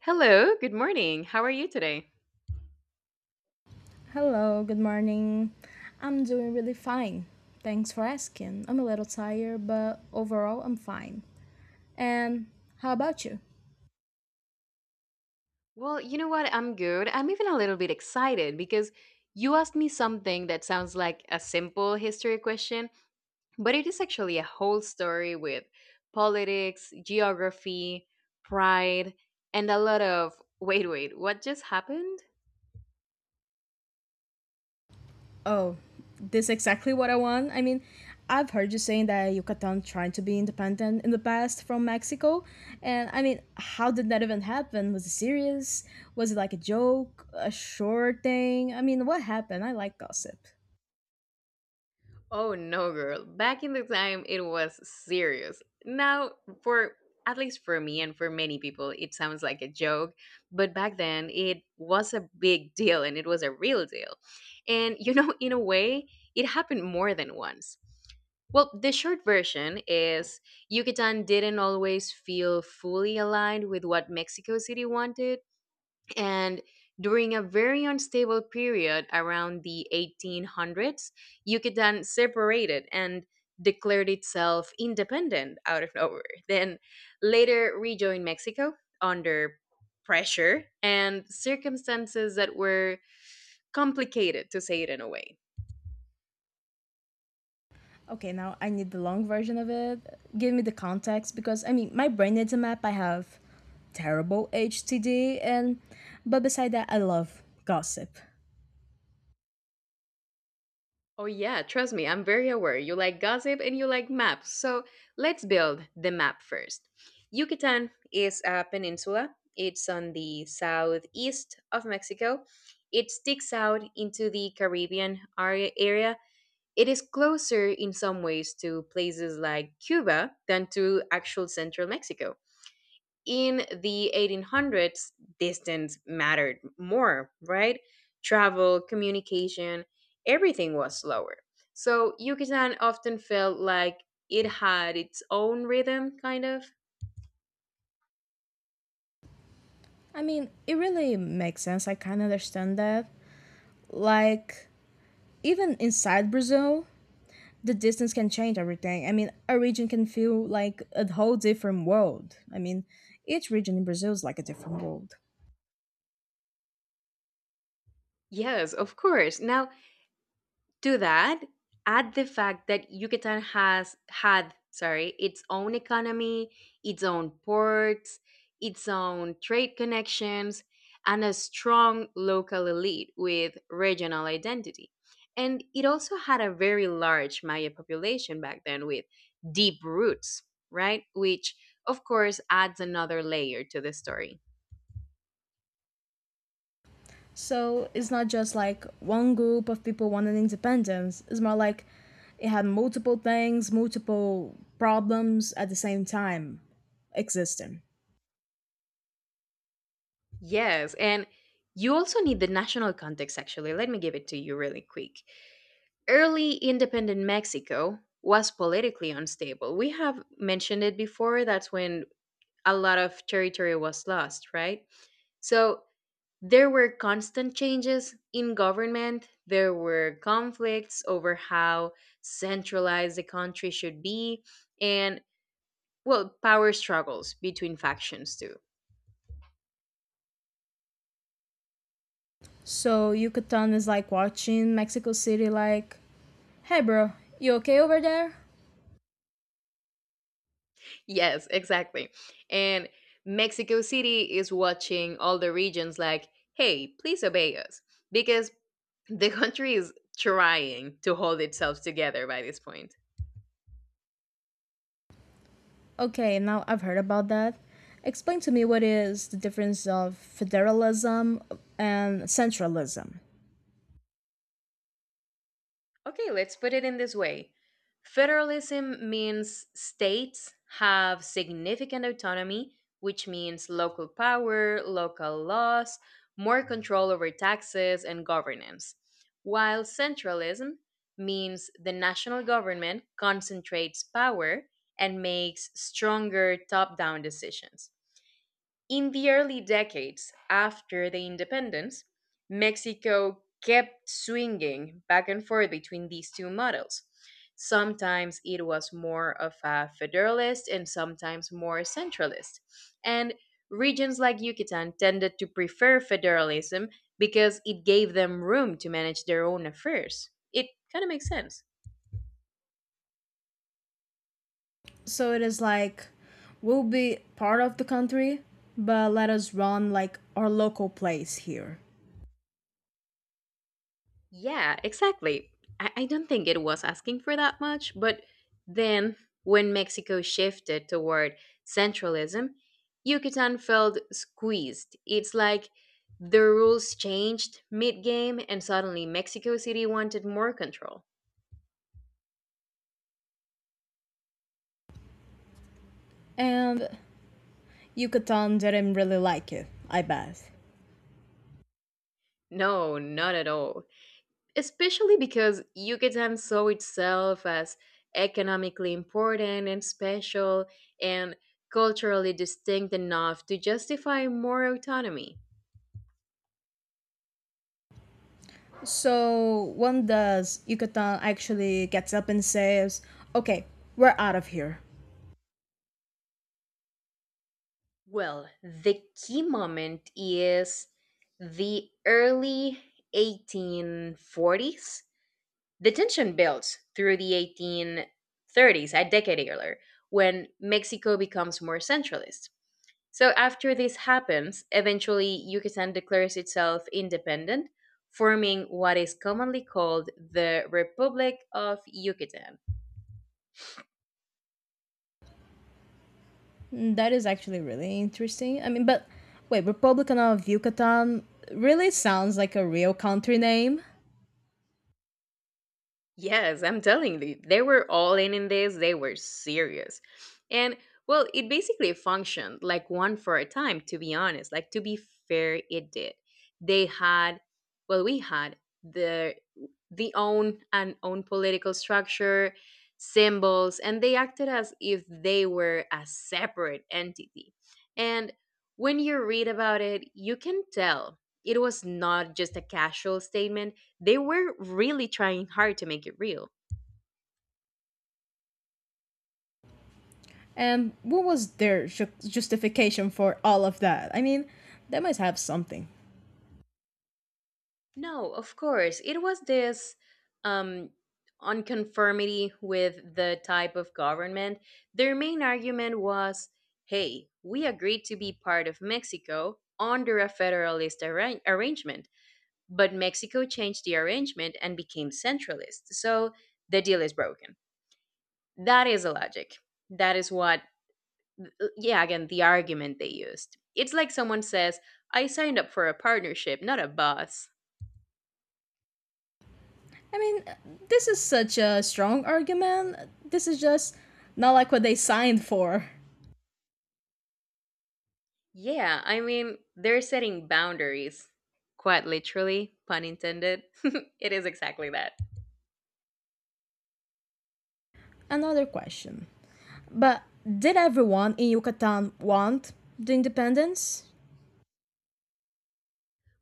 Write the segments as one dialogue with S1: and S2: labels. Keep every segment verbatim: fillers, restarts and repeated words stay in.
S1: Hello, good morning. How are you today?
S2: Hello, good morning. I'm doing really fine. Thanks for asking. I'm a little tired, but overall, I'm fine. And how about you?
S1: Well, you know what? I'm good. I'm even a little bit excited because you asked me something that sounds like a simple history question, but it is actually a whole story with politics, geography, pride, and a lot of wait, wait, what just happened?
S2: Oh, this is exactly what I want. I mean, I've heard you saying that Yucatan tried to be independent in the past from Mexico. And I mean, how did that even happen? Was it serious? Was it like a joke? A short thing? I mean, what happened? I like gossip.
S1: Oh no, girl. Back in the time, it was serious. Now, for at least for me and for many people, it sounds like a joke, but back then it was a big deal and it was a real deal. And you know, in a way, it happened more than once. Well, the short version is Yucatan didn't always feel fully aligned with what Mexico City wanted, and during a very unstable period around the eighteen hundreds, Yucatan separated and declared itself independent out of nowhere, then later rejoined Mexico under pressure and circumstances that were complicated, to say it in a way.
S2: Okay, now I need the long version of it. Give me the context because I mean, my brain needs a map. I have terrible H T D and but beside that, I love gossip.
S1: Oh, yeah, trust me, I'm very aware. You like gossip and you like maps. So let's build the map first. Yucatan is a peninsula, it's on the southeast of Mexico. It sticks out into the Caribbean ar- area. It is closer in some ways to places like Cuba than to actual central Mexico. In the eighteen hundreds, distance mattered more, right? Travel, communication, everything was slower. So Yucatan often felt like it had its own rhythm, kind of.
S2: I mean, it really makes sense. I can understand that. Like even inside Brazil, the distance can change everything. I mean, a region can feel like a whole different world. I mean, each region in Brazil is like a different world.
S1: Yes, of course. Now, to that, add the fact that Yucatan has had, sorry, its own economy, its own ports, its own trade connections, and a strong local elite with regional identity. And it also had a very large Maya population back then with deep roots, right? Which, of course, adds another layer to the story.
S2: So it's not just like one group of people wanted independence. It's more like it had multiple things, multiple problems at the same time existing.
S1: Yes, and you also need the national context, actually. Let me give it to you really quick. Early independent Mexico was politically unstable. We have mentioned it before. That's when a lot of territory was lost, right? So there were constant changes in government. There were conflicts over how centralized the country should be, and well, power struggles between factions too.
S2: So Yucatan is like watching Mexico City like, hey bro, you okay over there?
S1: Yes, exactly. And Mexico City is watching all the regions like, hey, please obey us. Because the country is trying to hold itself together by this point.
S2: Okay, now I've heard about that. Explain to me what is the difference of federalism and centralism.
S1: Okay, let's put it in this way. Federalism means states have significant autonomy, which means local power, local laws, more control over taxes and governance, while centralism means the national government concentrates power and makes stronger top down decisions. In the early decades after the independence, Mexico kept swinging back and forth between these two models. Sometimes it was more of a federalist and sometimes more centralist. And regions like Yucatan tended to prefer federalism because it gave them room to manage their own affairs. It kind of makes sense.
S2: So it is like we'll be part of the country, but let us run like our local place here.
S1: Yeah, exactly. I, I don't think it was asking for that much, but then when Mexico shifted toward centralism, Yucatan felt squeezed. It's like the rules changed mid game, and suddenly Mexico City wanted more control.
S2: And Yucatan didn't really like it, I bet.
S1: No, not at all. Especially because Yucatan saw itself as economically important and special and culturally distinct enough to justify more autonomy.
S2: So when does Yucatan actually gets up and says, "Okay, we're out of here"?
S1: Well, the key moment is the early eighteen forties. The tension builds through the eighteen thirties, a decade earlier, when Mexico becomes more centralist. So, after this happens, eventually Yucatan declares itself independent, forming what is commonly called the Republic of Yucatan.
S2: That is actually really interesting. I mean, but wait, Republican of Yucatan really sounds like a real country name.
S1: Yes, I'm telling you, they were all in in this. They were serious. And well, it basically functioned like one for a time, to be honest. Like, to be fair, it did. They had, well, we had the the own and own political structure, symbols, and they acted as if they were a separate entity. And when you read about it, you can tell it was not just a casual statement. They were really trying hard to make it real.
S2: And what was their ju- justification for all of that? I mean, they must have something.
S1: No, of course. It was this um, unconformity with the type of government. Their main argument was, hey, we agreed to be part of Mexico under a federalist arra- arrangement, but Mexico changed the arrangement and became centralist. So the deal is broken. That is the logic. That is what uh, yeah, again, the argument they used. It's like someone says, I signed up for a partnership, not a boss.
S2: I mean, this is such a strong argument. This is just not like what they signed for.
S1: Yeah, I mean, they're setting boundaries. Quite literally, pun intended. It is exactly that.
S2: Another question. But did everyone in Yucatan want the independence?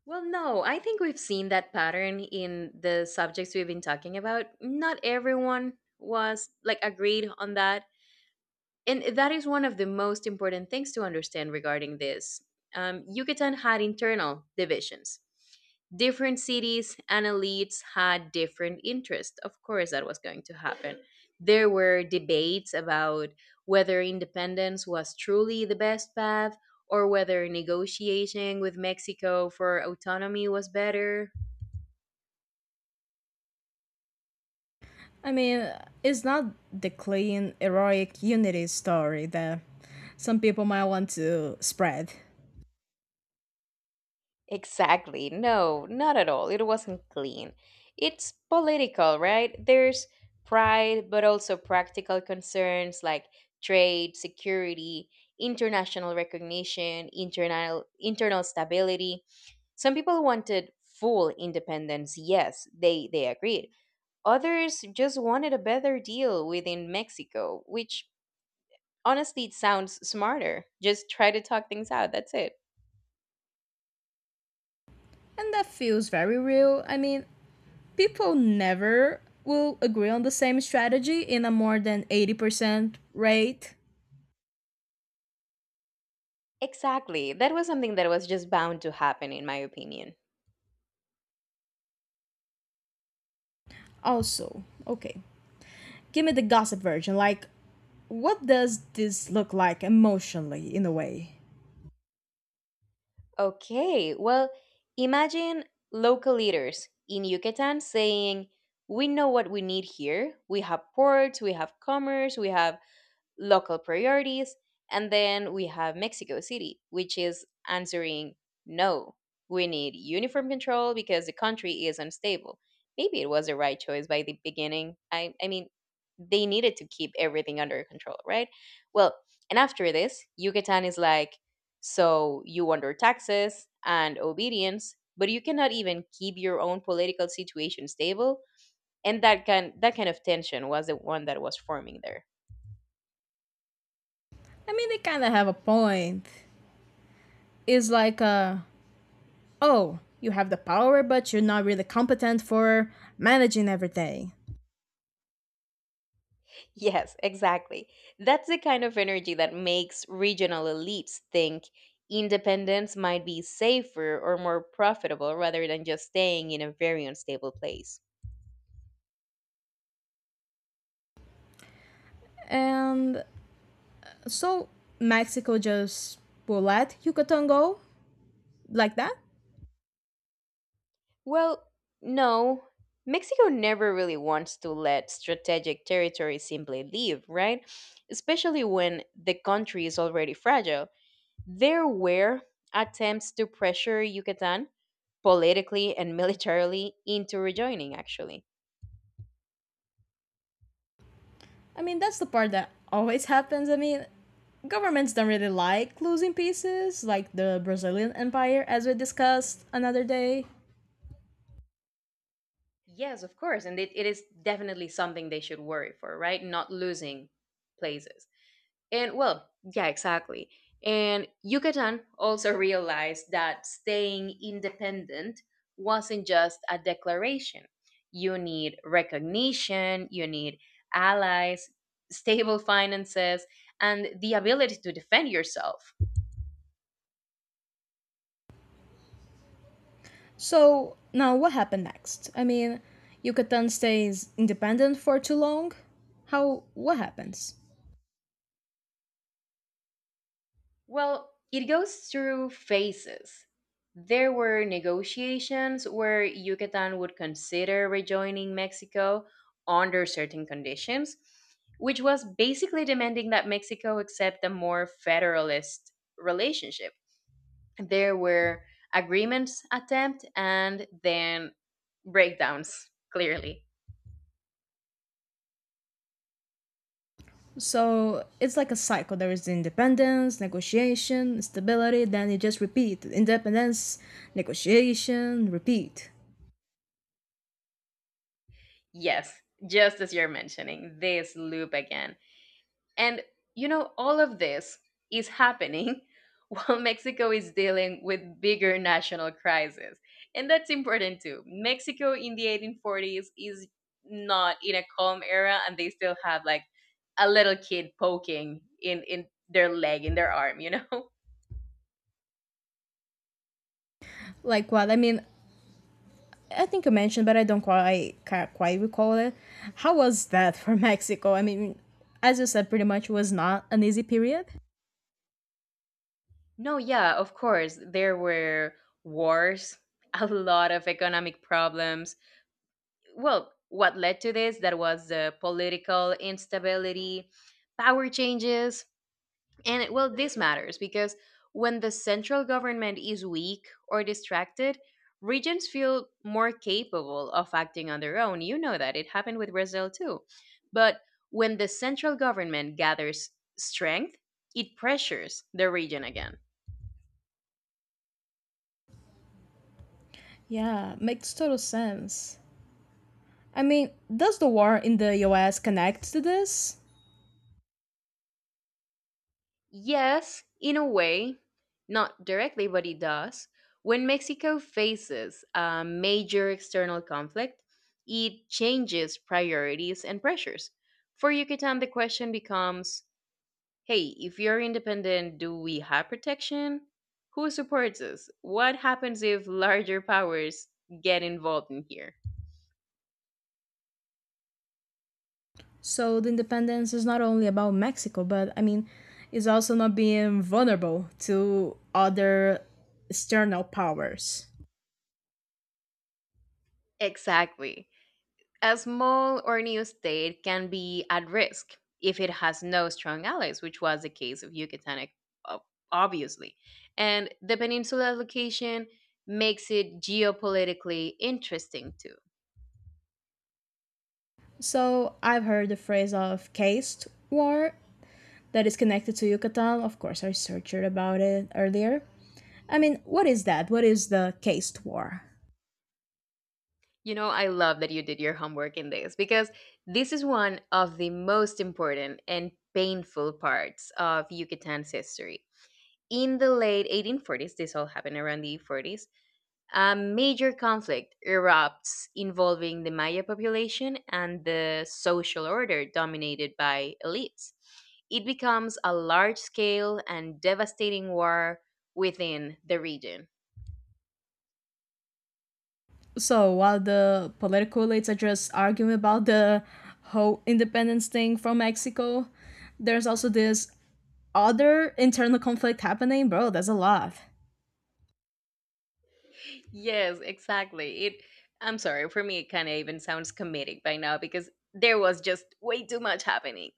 S1: Well, no, I think we've seen that pattern in the subjects we've been talking about. Not everyone was like agreed on that. And that is one of the most important things to understand regarding this. Um, Yucatan had internal divisions. Different cities and elites had different interests. Of course, that was going to happen. There were debates about whether independence was truly the best path or whether negotiating with Mexico for autonomy was better.
S2: I mean, it's not the clean, heroic unity story that some people might want to spread.
S1: Exactly. No, not at all. It wasn't clean. It's political, right? There's pride, but also practical concerns like trade, security, international recognition, internal internal stability. Some people wanted full independence. Yes, they they agreed. Others just wanted a better deal within Mexico, which honestly it sounds smarter. Just try to talk things out. That's it.
S2: And that feels very real. I mean, people never will agree on the same strategy in a more than eighty percent rate.
S1: Exactly. That was something that was just bound to happen, in my opinion.
S2: Also, okay, give me the gossip version. Like, what does this look like emotionally, in a way?
S1: Okay, well, imagine local leaders in Yucatan saying, we know what we need here. We have ports, we have commerce, we have local priorities. And then we have Mexico City, which is answering no, we need uniform control because the country is unstable. Maybe it was the right choice by the beginning. I, I mean, they needed to keep everything under control, right? Well, and after this, Yucatan is like, so you under taxes and obedience, but you cannot even keep your own political situation stable. And that kind that kind of tension was the one that was forming there.
S2: I mean, they kind of have a point. It's like, uh, oh, you have the power, but you're not really competent for managing everything.
S1: Yes, exactly. That's the kind of energy that makes regional elites think independence might be safer or more profitable rather than just staying in a very unstable place.
S2: And so Mexico just will let Yucatan go like that.
S1: Well, no. Mexico never really wants to let strategic territory simply leave, right? Especially when the country is already fragile. There were attempts to pressure Yucatan politically and militarily into rejoining, actually.
S2: I mean, that's the part that always happens. I mean, governments don't really like losing pieces, like the Brazilian Empire, as we discussed another day.
S1: Yes, of course. And it, it is definitely something they should worry for, right? Not losing places. And well, yeah, exactly. And Yucatan also realized that staying independent wasn't just a declaration. You need recognition, you need allies, stable finances, and the ability to defend yourself.
S2: So, now what happened next? I mean, Yucatan stays independent for too long? How, what happens?
S1: Well, it goes through phases. There were negotiations where Yucatan would consider rejoining Mexico under certain conditions, which was basically demanding that Mexico accept a more federalist relationship. There were agreements attempt and then breakdowns, clearly.
S2: So, it's like a cycle. There is independence, negotiation, stability, then it just repeat. Independence, negotiation, repeat.
S1: Yes, just as you're mentioning, this loop again. And you know, all of this is happening while Mexico is dealing with bigger national crises. And that's important too. Mexico in the eighteen forties is not in a calm era and they still have like a little kid poking in in their leg in their arm, you know?
S2: Like what? I mean, I think you mentioned, but I don't quite, can't quite recall it. How was that for Mexico? I mean, as you said, pretty much was not an easy period.
S1: No, yeah, of course. There were wars, a lot of economic problems. Well, what led to this that was the political instability, power changes, and it- well, this matters because when the central government is weak or distracted, regions feel more capable of acting on their own. You know that. It happened with Brazil too. But when the central government gathers strength, it pressures the region again.
S2: Yeah, makes total sense. I mean, does the war in the U S connect to this?
S1: Yes, in a way, not directly, but it does. When Mexico faces a major external conflict, it changes priorities and pressures. For Yucatan, the question becomes hey, if you're independent, do we have protection? Who supports us? What happens if larger powers get involved in here?
S2: So the independence is not only about Mexico, but I mean, it's also not being vulnerable to other external powers.
S1: Exactly. A small or new state can be at risk if it has no strong allies, which was the case of Yucatan, ob- obviously. And the peninsula location makes it geopolitically interesting too.
S2: So I've heard the phrase of caste war that is connected to Yucatan. Of course, I researched about it earlier. I mean, what is that? What is the caste war?
S1: You know, I love that you did your homework in this because this is one of the most important and painful parts of Yucatan's history. In the late eighteen forties, this all happened around the forties, a major conflict erupts involving the Maya population and the social order dominated by elites. It becomes a large scale and devastating war within the region.
S2: So while the political elites are just arguing about the whole independence thing from Mexico, there's also this other internal conflict happening, bro. That's a lot.
S1: Yes, exactly. It, I'm sorry, for me it kind of even sounds comedic by now because there was just way too much happening.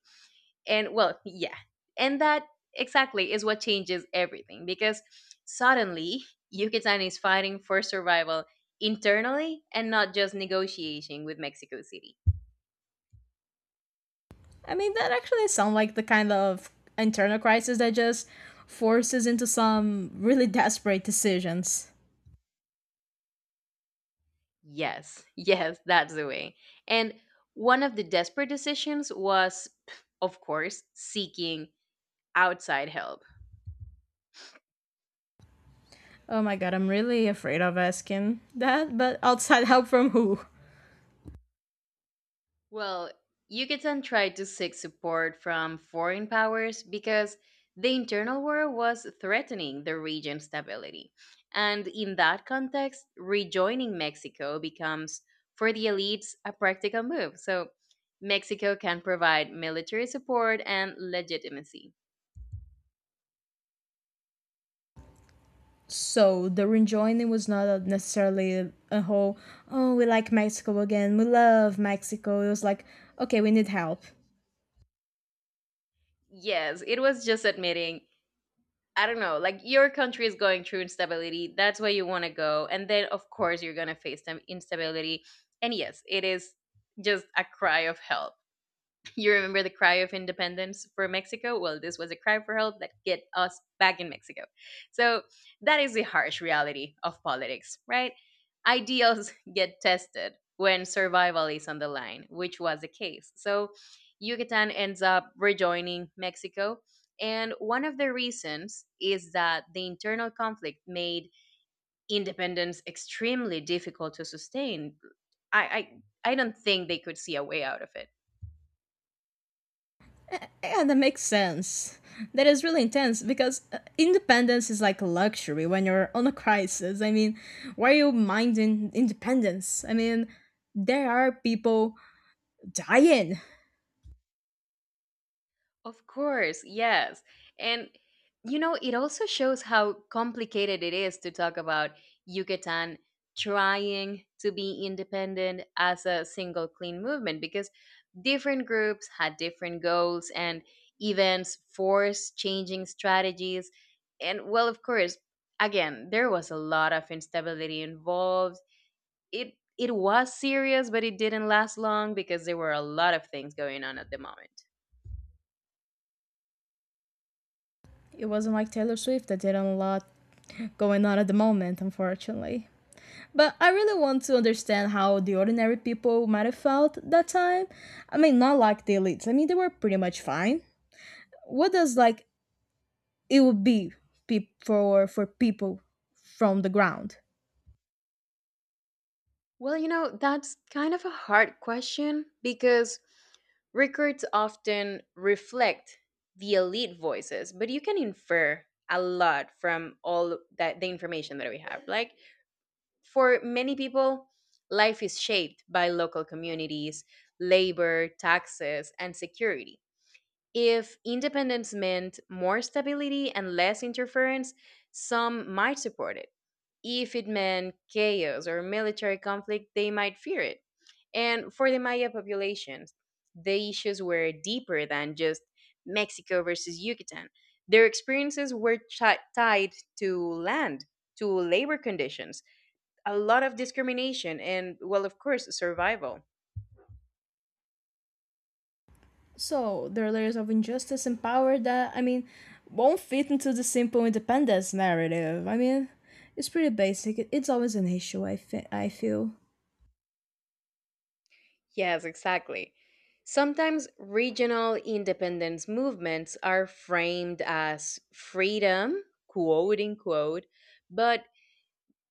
S1: And well, yeah, and that exactly is what changes everything because suddenly Yucatan is fighting for survival internally and not just negotiating with Mexico City.
S2: I mean, that actually sounds like the kind of internal crisis that just forces into some really desperate decisions.
S1: Yes, yes, that's the way. And one of the desperate decisions was, of course, seeking outside help.
S2: Oh my god, I'm really afraid of asking that, but outside help from who?
S1: Well, Yucatan tried to seek support from foreign powers because the internal war was threatening the region's stability. And in that context, rejoining Mexico becomes, for the elites, a practical move. So Mexico can provide military support and legitimacy.
S2: So the rejoining was not necessarily a whole, oh, we like Mexico again, we love Mexico. It was like, okay, we need help.
S1: Yes, it was just admitting I don't know, like your country is going through instability. That's where you want to go. And then, of course, you're going to face some instability. And yes, it is just a cry of help. You remember the cry of independence for Mexico? Well, this was a cry for help that get us back in Mexico. So that is the harsh reality of politics, right? Ideals get tested when survival is on the line, which was the case. So Yucatan ends up rejoining Mexico. And one of the reasons is that the internal conflict made independence extremely difficult to sustain. I, I, I don't think they could see a way out of it.
S2: Eh, Yeah, that makes sense. That is really intense because uh, independence is like a luxury when you're on a crisis. I mean, why are you minding independence? I mean, there are people dying.
S1: Of course, yes. And you know, it also shows how complicated it is to talk about Yucatan trying to be independent as a single clean movement because different groups had different goals and events forced changing strategies. And well, of course, again, there was a lot of instability involved. It it was serious, but it didn't last long because there were a lot of things going on at the moment.
S2: It wasn't like Taylor Swift that did not a lot going on at the moment, unfortunately. But I really want to understand how the ordinary people might have felt that time. I mean, not like the elites. I mean, they were pretty much fine. What does like it would be pe- for for people from the ground?
S1: Well, you know, that's kind of a hard question because records often reflect the elite voices, but you can infer a lot from all that the information that we have. Like for many people, life is shaped by local communities, labor, taxes, and security. If independence meant more stability and less interference, some might support it. If it meant chaos or military conflict, they might fear it. And for the Maya populations, the issues were deeper than just Mexico versus Yucatan. Their experiences were chi- tied to land, to labor conditions, a lot of discrimination, and, well, of course, survival.
S2: So there are layers of injustice and power that I mean won't fit into the simple independence narrative. I mean, it's pretty basic. It- It's always an issue. I fe- I feel.
S1: Yes, exactly. Sometimes regional independence movements are framed as freedom, quote unquote, but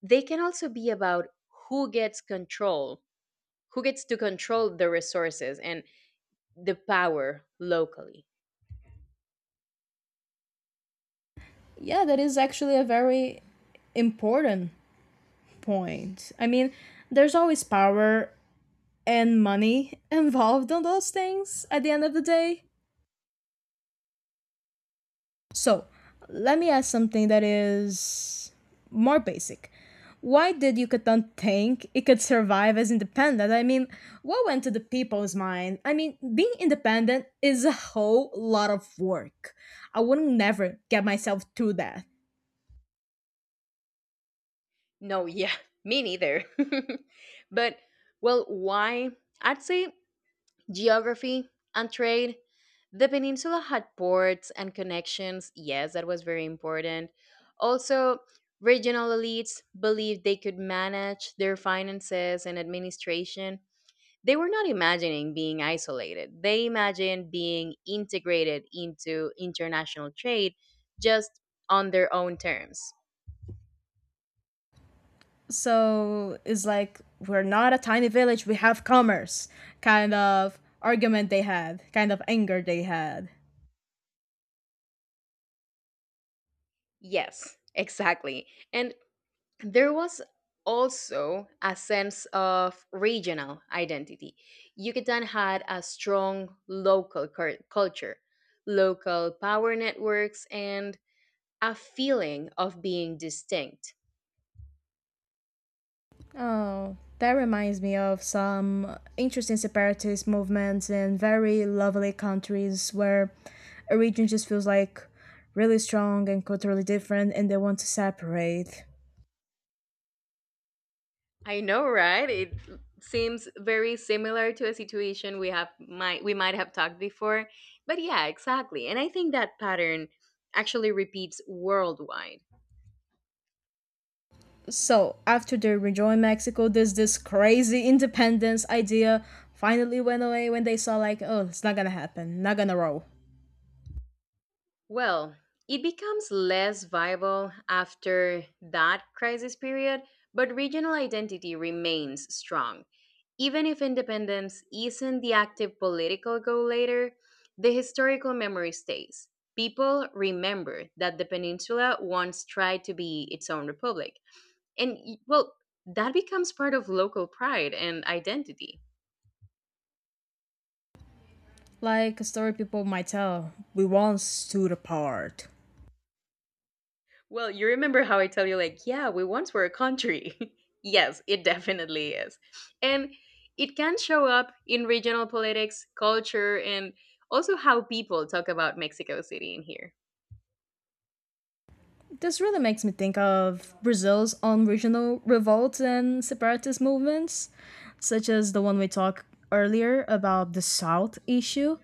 S1: they can also be about who gets control, who gets to control the resources and the power locally.
S2: Yeah, that is actually a very important point. I mean, there's always power and money involved on those things at the end of the day. So, let me ask something that is more basic. Why did Yucatan think it could survive as independent? I mean, what went to the people's mind? I mean, being independent is a whole lot of work. I wouldn't never get myself through that.
S1: No, yeah, me neither. But, well, why? I'd say geography and trade. The peninsula had ports and connections. Yes, that was very important. Also, regional elites believed they could manage their finances and administration, they were not imagining being isolated. They imagined being integrated into international trade just on their own terms.
S2: So it's like we're not a tiny village, we have commerce kind of argument they had, kind of anger they had.
S1: Yes, exactly. And there was also a sense of regional identity. Yucatan had a strong local cur- culture, local power networks, and a feeling of being distinct.
S2: Oh, that reminds me of some interesting separatist movements in very lovely countries where a region just feels like really strong and culturally different and they want to separate.
S1: I know, right? It seems very similar to a situation we have might we might have talked before. But yeah, exactly. And I think that pattern actually repeats worldwide.
S2: So, after they rejoined Mexico, there's this crazy independence idea finally went away when they saw, like, oh, it's not gonna happen, not gonna roll.
S1: Well, it becomes less viable after that crisis period, but regional identity remains strong. Even if independence isn't the active political goal later, the historical memory stays. People remember that the peninsula once tried to be its own republic. And, y- well, that becomes part of local pride and identity.
S2: Like a story people might tell, we once stood apart.
S1: Well, you remember how I tell you, like, yeah, we once were a country. Yes, it definitely is. And it can show up in regional politics, culture, and also how people talk about Mexico City in here.
S2: This really makes me think of Brazil's own regional revolts and separatist movements, such as the one we talked earlier about the South issue,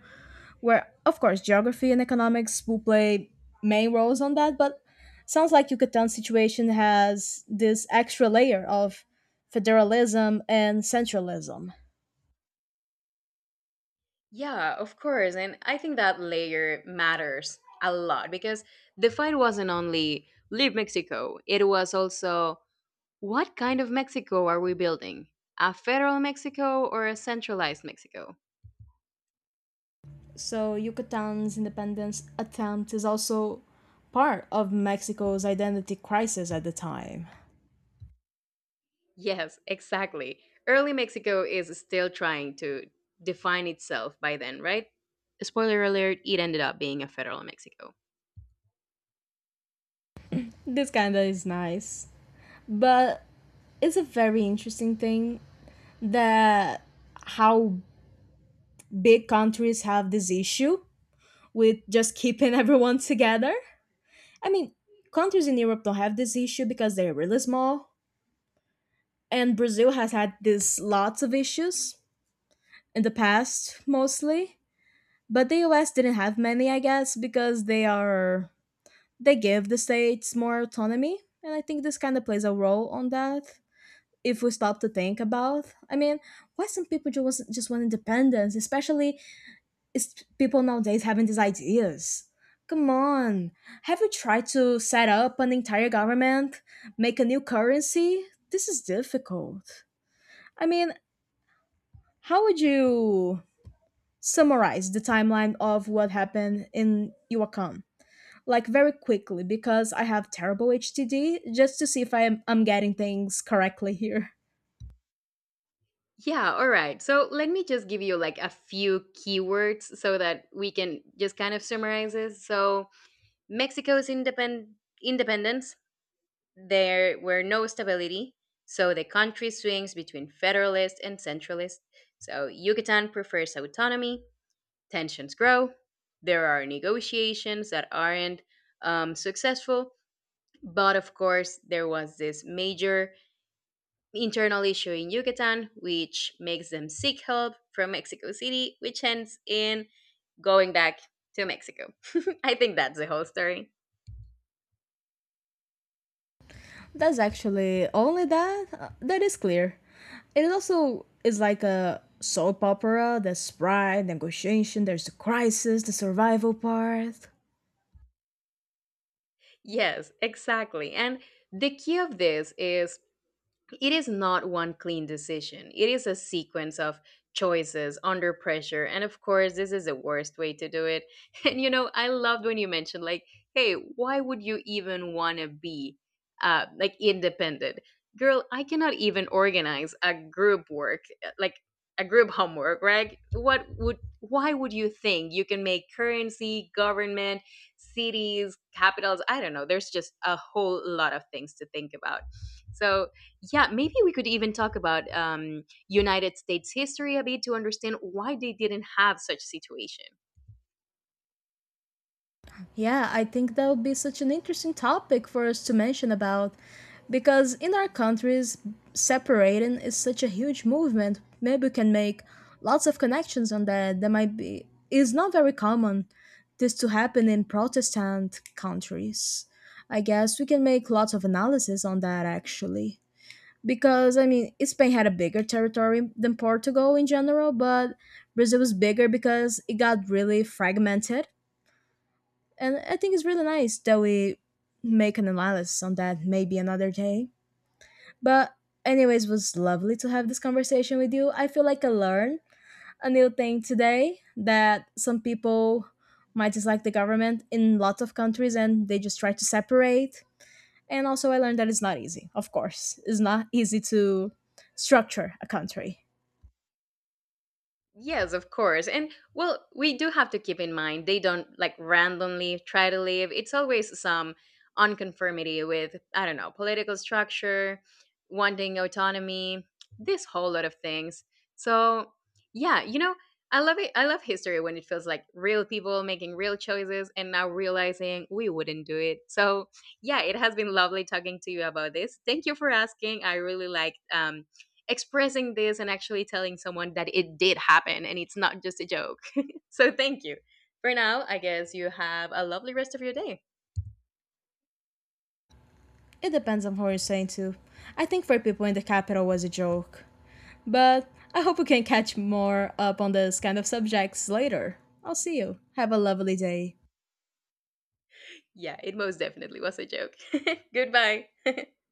S2: where, of course, geography and economics will play main roles on that, but sounds like Yucatan's situation has this extra layer of federalism and centralism.
S1: Yeah, of course. And I think that layer matters a lot because the fight wasn't only leave Mexico, it was also, what kind of Mexico are we building? A federal Mexico or a centralized Mexico?
S2: So Yucatan's independence attempt is also part of Mexico's identity crisis at the time.
S1: Yes, exactly. Early Mexico is still trying to define itself by then, right? Spoiler alert, it ended up being a federal Mexico.
S2: This kinda is nice. But it's a very interesting thing that how big countries have this issue with just keeping everyone together. I mean, countries in Europe don't have this issue because they're really small. And Brazil has had this lots of issues in the past mostly. But the U S didn't have many, I guess, because they are they give the states more autonomy. And I think this kind of plays a role on that. If we stop to think about, I mean, why some people just, want- just want independence, especially, is people nowadays having these ideas. Come on, have you tried to set up an entire government, make a new currency? This is difficult. I mean, how would you summarize the timeline of what happened in Iwakan? Like very quickly because I have terrible H T D just to see if I'm, I'm getting things correctly here.
S1: Yeah, all right. So let me just give you like a few keywords so that we can just kind of summarize this. So Mexico's independ- independence, there were no stability. So the country swings between federalist and centralist. So Yucatan prefers autonomy. Tensions grow. There are negotiations that aren't um, successful. But of course, there was this major internal issue in Yucatan, which makes them seek help from Mexico City, which ends in going back to Mexico. I think that's the whole story.
S2: That's actually only that. uh, That is clear. It also is like a soap opera. There's pride, negotiation. There's the crisis, the survival part.
S1: Yes, exactly. And the key of this is, it is not one clean decision. It is a sequence of choices under pressure. And of course, this is the worst way to do it. And you know, I loved when you mentioned, like, hey, why would you even want to be uh, like independent? Girl, I cannot even organize a group work, uh, like a group homework, right? What would, why would you think you can make currency, government, cities, capitals? I don't know. There's just a whole lot of things to think about. So, yeah, maybe we could even talk about um, United States history a bit to understand why they didn't have such situation.
S2: Yeah, I think that would be such an interesting topic for us to mention about because in our countries, separating is such a huge movement. Maybe we can make lots of connections on that. That might be is not very common this to happen in Protestant countries. I guess we can make lots of analysis on that actually. Because I mean, Spain had a bigger territory than Portugal in general, but Brazil was bigger because it got really fragmented and I think it's really nice that we make an analysis on that maybe another day. But anyways, it was lovely to have this conversation with you. I feel like I learned a new thing today that some people might dislike the government in lots of countries and they just try to separate. And also I learned that it's not easy, of course. It's not easy to structure a country.
S1: Yes, of course. And well, we do have to keep in mind they don't like randomly try to leave. It's always some unconformity with, I don't know, political structure, wanting autonomy, this whole lot of things. So, yeah, you know, I love it. I love history when it feels like real people making real choices and now realizing we wouldn't do it. So, yeah, it has been lovely talking to you about this. Thank you for asking. I really liked um, expressing this and actually telling someone that it did happen and it's not just a joke. So thank you. For now, I guess you have a lovely rest of your day.
S2: It depends on who you're saying to. I think for people in the capital was a joke. But I hope we can catch more up on this kind of subjects later. I'll see you. Have a lovely day.
S1: Yeah, it most definitely was a joke. Goodbye.